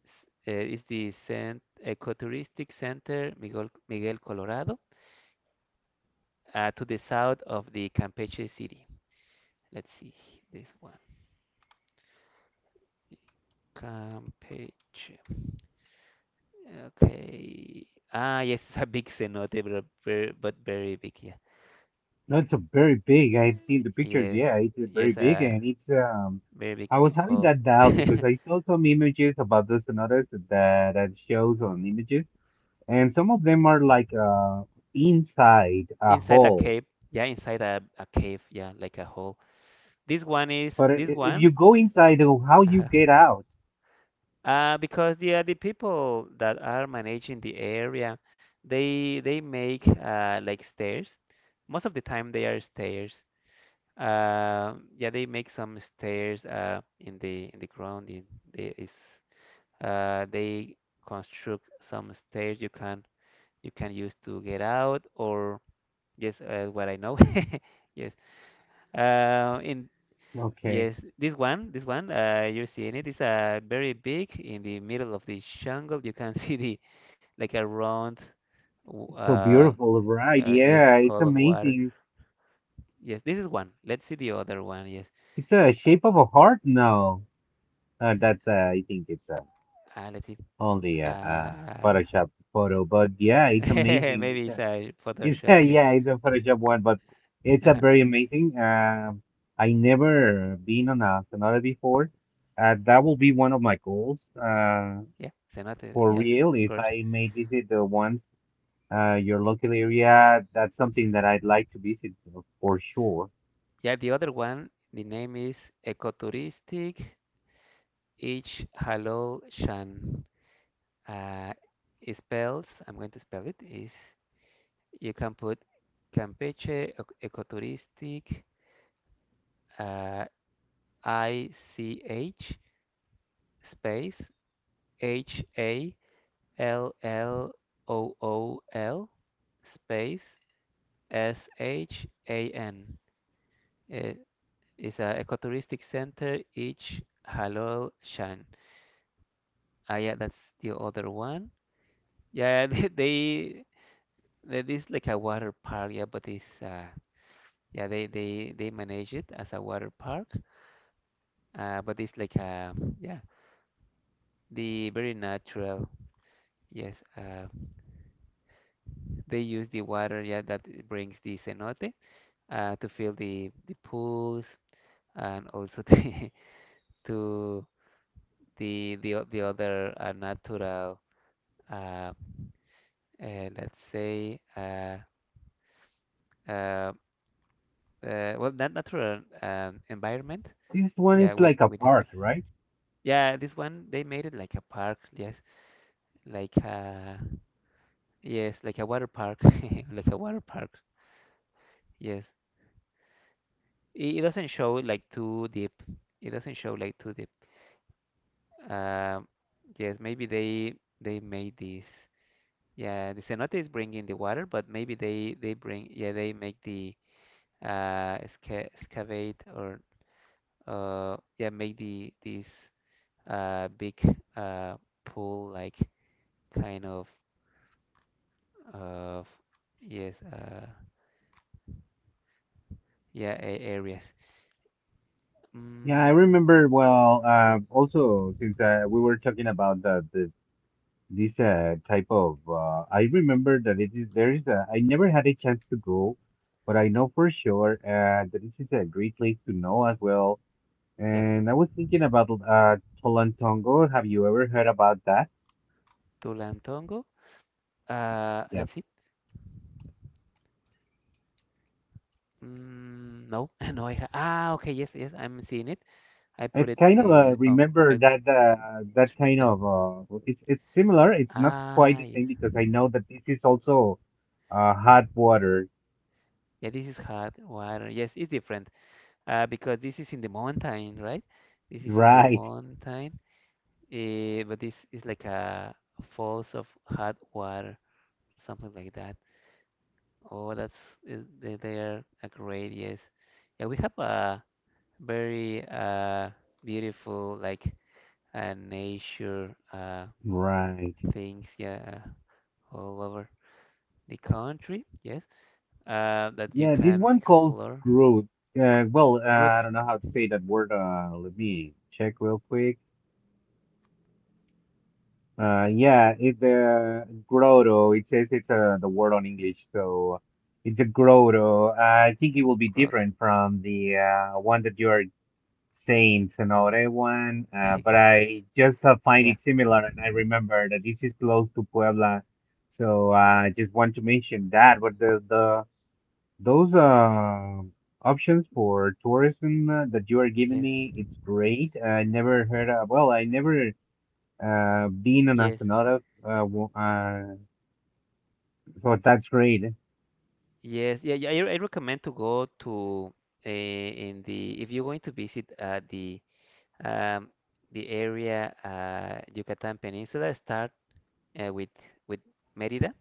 is the cent ecotouristic center Miguel Colorado, to the south of the Campeche city. Let's see this one. Campeche. Okay. Ah, yes, (laughs) it's a big cenote, but very big. Yeah. No, it's a very big. I've seen the pictures. Yes. Yeah, it's a very Yes. big, and it's. Very big I was having hole that doubt because I (laughs) saw some images about the sonatas that shows on images, and some of them are like inside a inside a hole. cave. Yeah, inside a cave. Yeah, like a hole. This one is But this if one. you go inside, oh, how you Uh-huh. get out? Because the people that are managing the area, they make like stairs. Most of the time they are stairs. Yeah, they make some stairs in the ground. In the, is they Construct some stairs, you can use to get out, or. Yes, what I know. (laughs) Yes. In Okay, Yes, this one, you're seeing it, is very big in the middle of the jungle. You can (laughs) see the, like a round, w- it's so uh, beautiful, right? Yes, Yeah, it's hole of water. amazing. Yes, this is one. Let's see the other one. Yes. It's a Uh, shape of a heart. No, that's I think it's let's see. only Uh, a Photoshop photo, but yeah, it's (laughs) amazing. maybe It's it's a a It's (laughs) Photoshop. Yes. yeah, it's a Photoshop one, but it's a Uh-huh. very amazing. I never been on a Sonata before. That will be one of my goals. Yeah. Cenote. For Yes, real, of if course. I may visit the ones, your local area, that's something that I'd like to visit for sure. Yeah, the other one. The name is ecoturistic. Each Hello, uh, spells, I'm going to spell it, is, you can put Campeche Ecoturistic, uh, ICH, space, HALLOOL, space, SHAN. Uh, It's an ecotouristic center, each Halol. Ah, yeah, that's the other one. Yeah, (laughs) they. That is like a water park, yeah, but it's yeah, they manage it as a water park, but it's like yeah, the very natural, yes. They use the water, yeah, that it brings the cenote, to fill the pools, and also (laughs) the to the the other natural, uh, let's say, uh well, not natural, environment, This one is yeah, like a with the bar. park, right? Yeah, this one they made it like a park, yes, like a, yes, like a water park, (laughs) like a water park. Yes, it doesn't show like too deep. It doesn't show like too deep. Um, yes, maybe they made this. Yeah, the cenote is bringing the water, but maybe they bring, yeah, they make the excavate, or yeah, make the this big uh pool, like, kind of. Of, yes, yeah, areas. Yeah, I Mm, remember. Well, yep, also since we were talking about the this type of I remember that it is there is a I never had a chance to go but I know for sure that this is a great place to know as well yep. and I was thinking about tolantongo have you ever heard about that Tulantongo. Yeah Let's see. Mm, no, (laughs) no, I ha ah, okay, yes, yes, I'm seeing it. I put it's it kind of in on, remember I, that on that kind yeah. of it's similar it's not quite Ah, the same yes. because I know that this is also hot water Yeah, this is hot water. Yes, it's different. Because this is in the mountain, right? This is in the right mountain. But this is like a falls of hot water, something like that. Oh, that's, they are a great, yes. Yeah, we have a very beautiful, like, nature right. things, yeah, all over the country. Yes, that you Yeah, this can one calls explore. growth. Well, Good, I don't know how to say that word. Let me check real quick. Yeah, it's grotto. It says it's the word on English, so it's a grotto. I think it will be growth. (laughs) different from the one that you are saying, Sonora one. But I just find Yeah. it similar, and I remember that this is close to Puebla, so I just want to mention that. But the Those options for tourism that you are giving Yes. me, it's great. I never heard of, well, I never been an Yes. astronaut. So that's great. Yes. Yeah. I recommend to go to, in the, if you're going to visit um the area, Yucatan Peninsula. Start uh, with with Merida.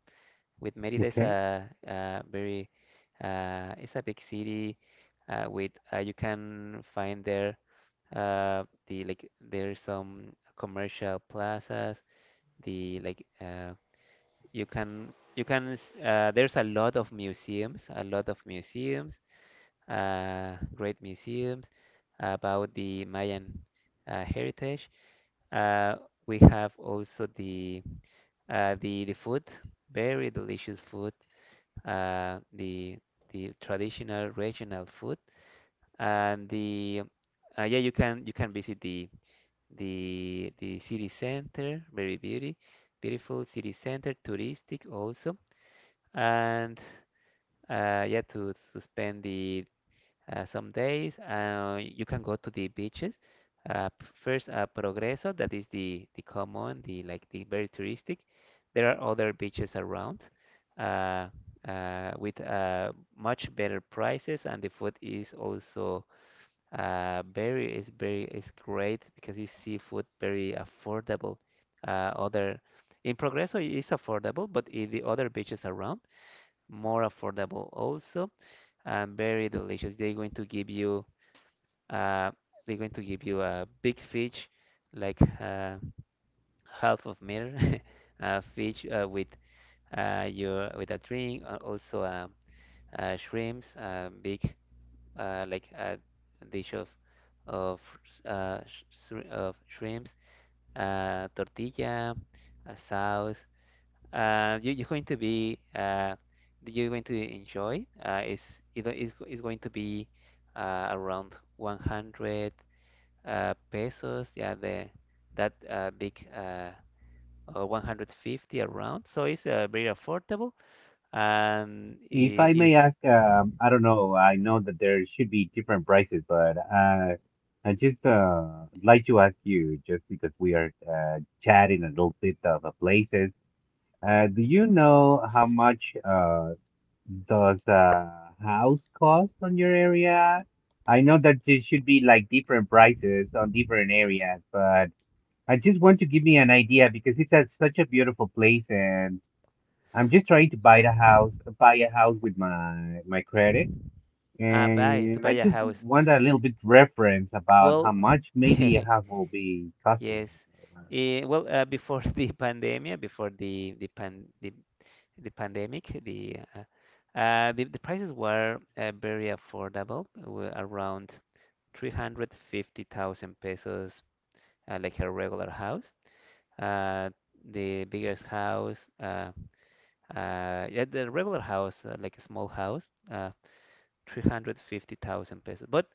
With Merida is Okay. A very it's a big city, with you can find there the, like, there's some commercial plazas. The like You can there's a lot of museums, a lot of museums, great museums about the Mayan heritage. Uh, we have also the the food, very delicious food. Uh, the the traditional regional food and the yeah, you can visit the the city center, very beauty, beautiful city center, touristic also, and yeah, to spend the some days you can go to the beaches. First, Progreso, that is the common, the like the very touristic. There are other beaches around, uh, with much better prices, and the food is also very is great because you see food very affordable. Other in Progreso it is affordable, but in the other beaches around, more affordable also and very delicious. They're going to give you uh, they're going to give you a big fish, like half of meter, (laughs) fish with your with a drink, also shrimps, big, like a dish of of of shrimps, tortilla, a sauce. You're going to be you're going to enjoy. It's going to be around 100 pesos, yeah, the that big 150 around. So it's very affordable and If I- I is may ask, I don't know. I know that there should be different prices, but I just like to ask you, just because we are chatting a little bit of places. Do you know how much does a house cost on your area? I know that there should be like different prices on different areas, but I just want to give me an idea because it's a, such a beautiful place and I'm just trying to buy uh, the house, buy a house with my my credit. Buy to And buy I a just house. want a little bit reference about how Well, much (laughs) maybe a yes. house will be costing. Well, before (laughs) the pandemic, before the pandemic, the prices were very affordable, around 350,000 pesos, like a regular house. uh, the biggest house, uh, yeah, the regular house, like a small house, 350,000 pesos. But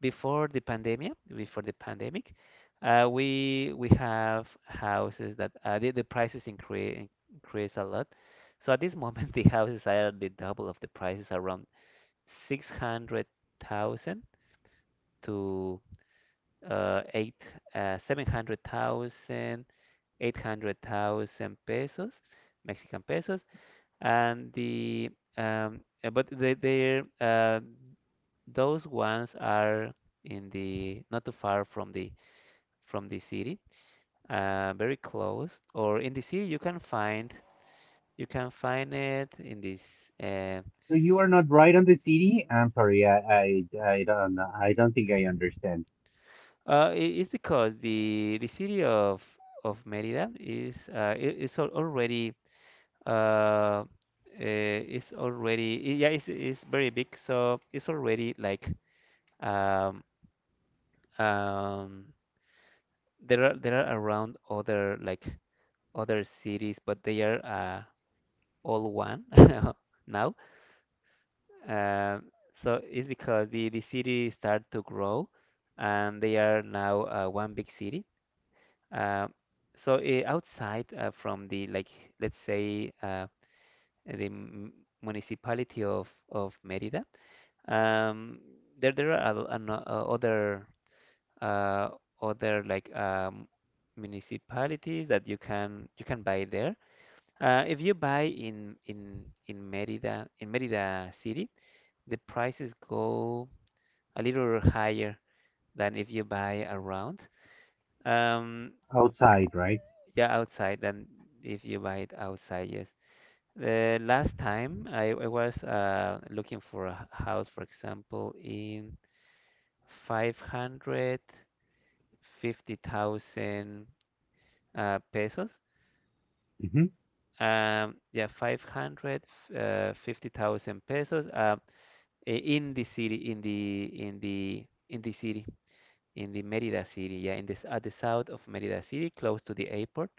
before the pandemic, we have houses that the prices increase a lot. So at this moment, (laughs) the houses are the double of the prices, around 600,000 to uh, eight, 700,000, 800,000 pesos, Mexican pesos, and the but they those ones are in the not too far from the city, very close. Or in the city, you can find, you can find it in this. Uh, So you are not right on the city? I'm sorry, I don't I don't think I understand. It's because the city of Merida is already, uh, it's already, yeah, it's very big, so it's already like, um, um, there are around other like other cities, but they are all one (laughs) now. Um so it's because the city start to grow and they are now one big city. um, so outside, from the, like, let's say the m- municipality of Mérida. Um, there there are other uh, other like um, municipalities that you can buy there. If you buy in in Mérida, in Mérida city, the prices go a little higher than if you buy around. Um, Outside, right? yeah, outside, than if you buy it outside. Yes. The last time I was looking for a house, for example, in 500. 50,000 pesos. Mm-hmm. Yeah, 550,000 pesos in the city, in the city, in the Merida city. Yeah, in this at the south of Merida city, close to the airport.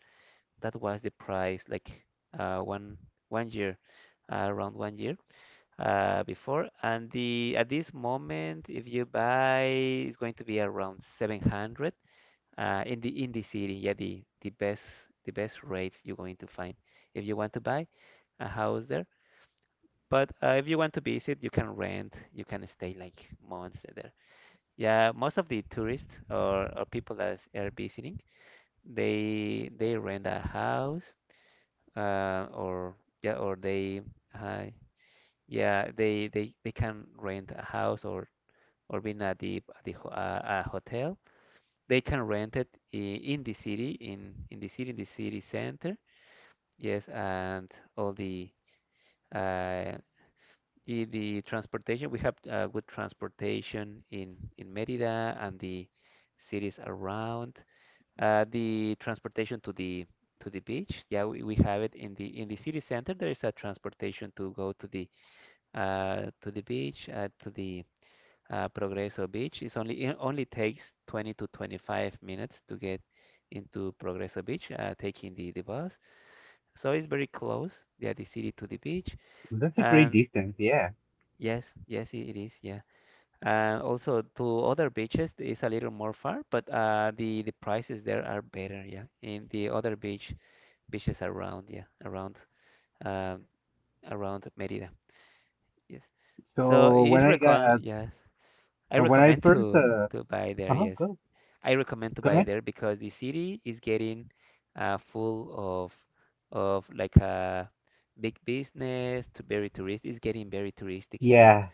That was the price, like one one year, around one year before. And the at this moment, if you buy, it's going to be around 700 in the city. Yeah, the best rates you're going to find if you want to buy a house there. But if you want to visit, you can rent. You can stay like months there. Yeah, most of the tourists, or people that are visiting, they rent a house, or yeah, or they uh, yeah, they can rent a house, or being at the a hotel. They can rent it in the city, in the city center. Yes, and all the uh, the transportation. We have good transportation in Merida and the cities around. The transportation to the beach. Yeah, we have it in the city center. There is a transportation to go to the beach, to the Progreso Beach. It's only, it only takes 20 to 25 minutes to get into Progreso Beach, taking the bus. So it's very close, yeah, the city to the beach. That's a great And distance, yeah. yes, yes, it is, yeah. And also to other beaches it's a little more far, but the prices there are better, yeah. In the other beach beaches around, yeah, around um, around Merida, yes. So So when it's I got recon, yes. I when I recommend first to buy there, uh-huh, yes. go I recommend to go buy ahead. there because the city is getting full of like a big business to very tourist. It's getting very touristic. Yeah, Yeah,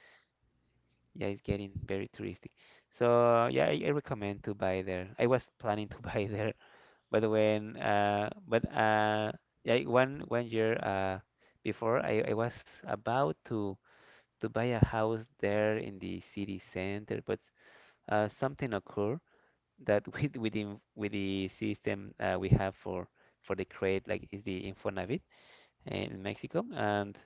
yeah, it's getting very touristic. So yeah, I recommend to buy there. I was planning to (laughs) buy there, but when but like one year before, I was about to buy a house there in the city center, but something occurred that (laughs) with the system we have for the credit, like is the Infonavit in Mexico, and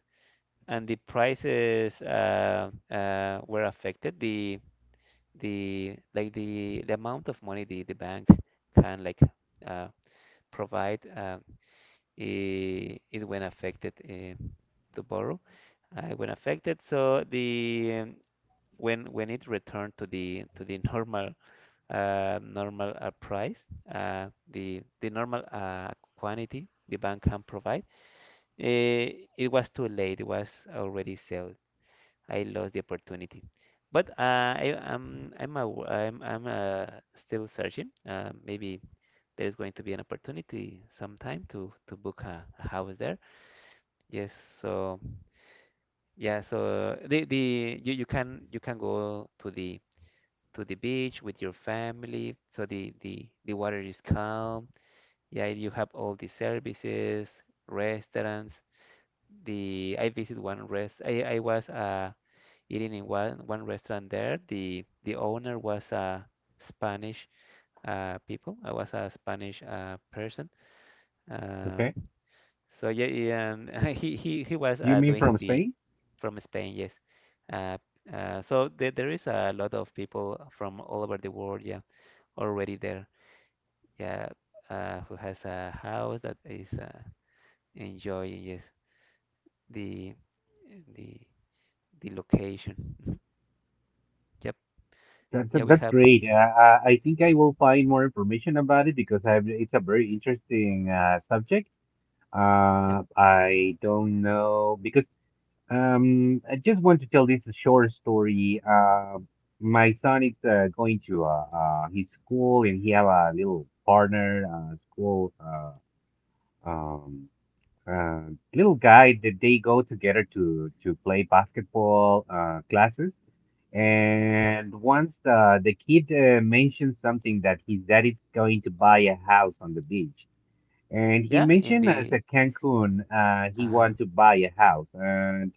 the prices were affected, the amount of money the bank can, like, uh, provide, it when affected, to borrow when affected. So the When it returned to the (laughs) normal, normal price, the normal quantity the bank can provide. Eh, it was too late. It was already sold. I lost the opportunity. But I'm I'm still searching. Maybe there's going to be an opportunity sometime to book a house there. Yes. So yeah. So you can go to the beach with your family. So the water is calm. Yeah, you have all the services, restaurants. The I visit one rest. I was eating in one restaurant there. The owner was a Spanish people. I was a Spanish person. Um, okay. so yeah, yeah, and (laughs) he was You mean doing from the, Spain? from Spain. Yes. Uh, so there is a lot of people from all over the world. Yeah, already there. Yeah, who has a house that is. Enjoy, yes, the the the location. (laughs) Mhm. Yep. Yeah, we That's have. great. I think I will find more information about it because I it's a very interesting subject. Yep. I don't know because I just want to tell this short story. My son is going to his school and he have a little partner school um uh, little guy that they go together to play basketball classes. Yeah. And once the kid mentioned something that his dad is going to buy a house on the beach, and he Yeah. In mentioned as a the. Cancun, he Uh, wants to buy a house, and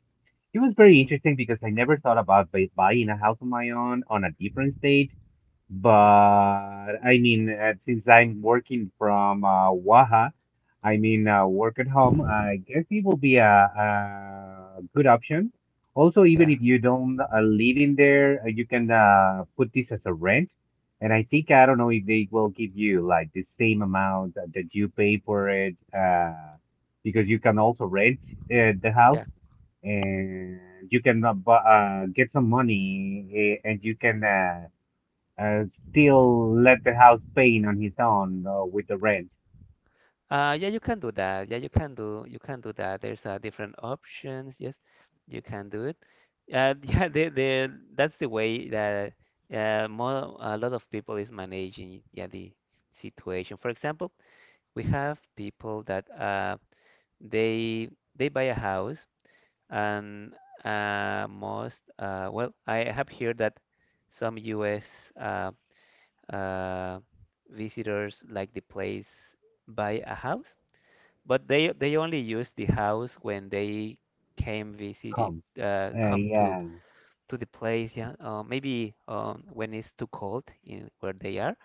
it was very mhm. interesting because I never thought about buying a house on my own on a different state. Yeah. But I mean, since I'm working from Waha, I mean, work at home, I (laughs) guess it will be a good option. Also, even Yeah. if you don't live in there, you can put this as a rent. And I think, I don't know if they will give you like the same amount that that you pay for it, because you can also rent the Yeah. house and you can get some money eh, and you can. Still left the house paying on his own with the rent. Yeah. You can do that. Yeah, you can do. You can do that. There's different options. Yes, you can do it. (laughs) Yeah. The That's the way that more a lot of people is managing. Yeah, the situation. For example, we have people that they they buy a house, and most well, I have heard that some U.S. Uh, uh, visitors like the place, buy a house, but they only use the house when they came visiting, Come. Come to Yeah, the place. Yeah, maybe when it's too cold in where they are.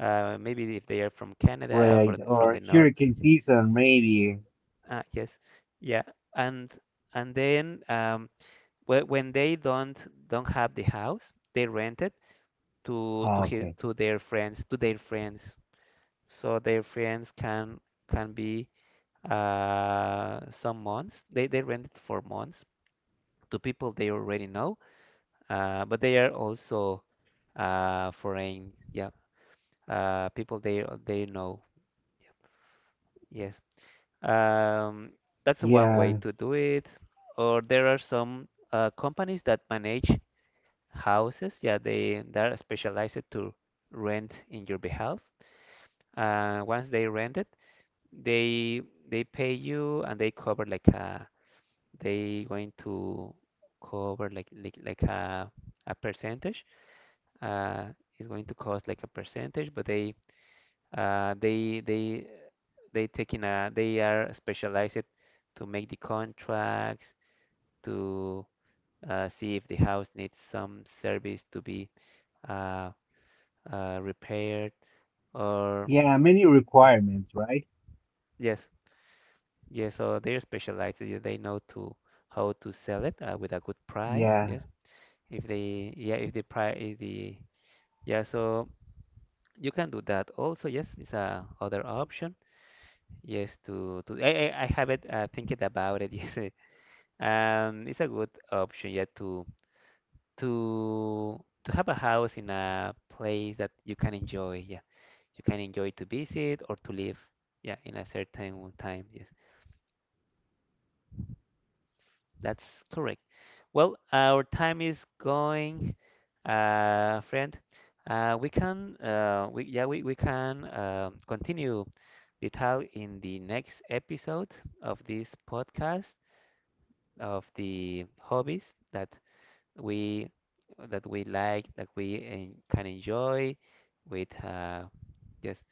Maybe if they are from Canada, or right. for the, from the Or north. hurricane season, maybe. Yes, yeah, and then when they don't, have the house, they rent it to Okay. to their friends, to their friends. So their friends can be some months. They rent it for months to people they already know, but they are also foreign. Yeah, people they know. Yes. Um, that's one way Yeah. to do it. Or there are some companies that manage houses. Yeah, they are specialized to rent in your behalf. Once they rent it, they they pay you, and they cover like a, they going to cover like a percentage. Uh, it's going to cost like a percentage, but uh, they they they taking a, they are specialized to make the contracts to see if the house needs some service to be uh, repaired, or Yeah, many yeah, requirements, right? yes, yes. So they're specialized. Yeah, they know to how to sell it with a good price. Yeah, Yes, if they, yeah, if the price, if the, yeah, so you can do that also. Yes, it's a other option. Yes, to I haven't thinking about it. (laughs) Yes, it's a good option. Yeah, to to have a house in a place that you can enjoy. Yeah, you can enjoy to visit or to live. Yeah, in a certain time. Yes. That's correct. Well, our time is going, friend. Yeah, we can continue the talk in the next episode of this podcast of the hobbies we that we like, that we can enjoy with just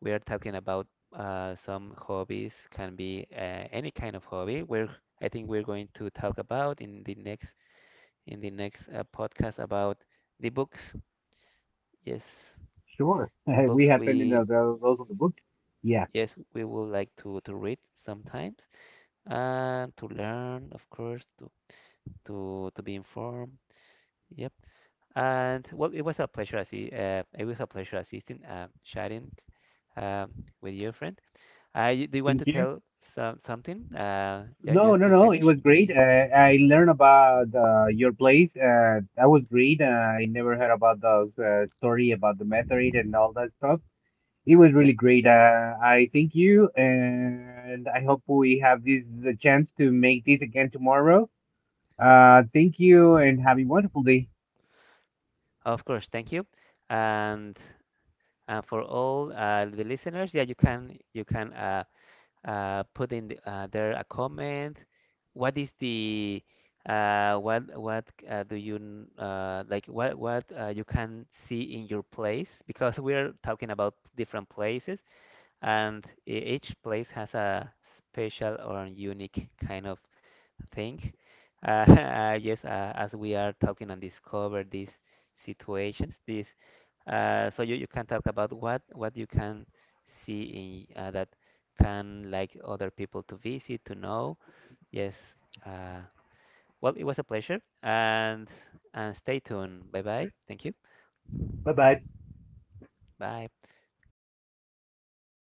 we are talking about some hobbies, can be any kind of hobby. We're I think we're going to talk about in the next, in the next podcast about the books. Yes, sure. (laughs) We books have been in we those of the book. Yeah. yes, we would like to read sometimes, and to learn, of course, to to be informed. Yep. And well, it was a pleasure. It was a pleasure assisting, chatting, um, with your friend. I Do you want Thank to you. tell some something? Yeah, No, just no, to no. It finish was great. the, I learned about your place. That was great. I never heard about those story about the meteorite and all that stuff. It was yeah. really great. I thank you, and I hope we have this the chance to make this again tomorrow. Thank you, and have a wonderful day. Of course, thank you. And for all the listeners, yeah, you can you can put in the, there a comment. What is the what do you like? What you can see in your place? Because we're talking about different places, and each place has a special or unique kind of thing. (laughs) Yes, as we are talking and discover these situations, this so you can talk about what you can see in that, can like other people to visit to know. Yes, uh, well, it was a pleasure, and stay tuned. Bye bye. Thank you. Bye bye. Bye.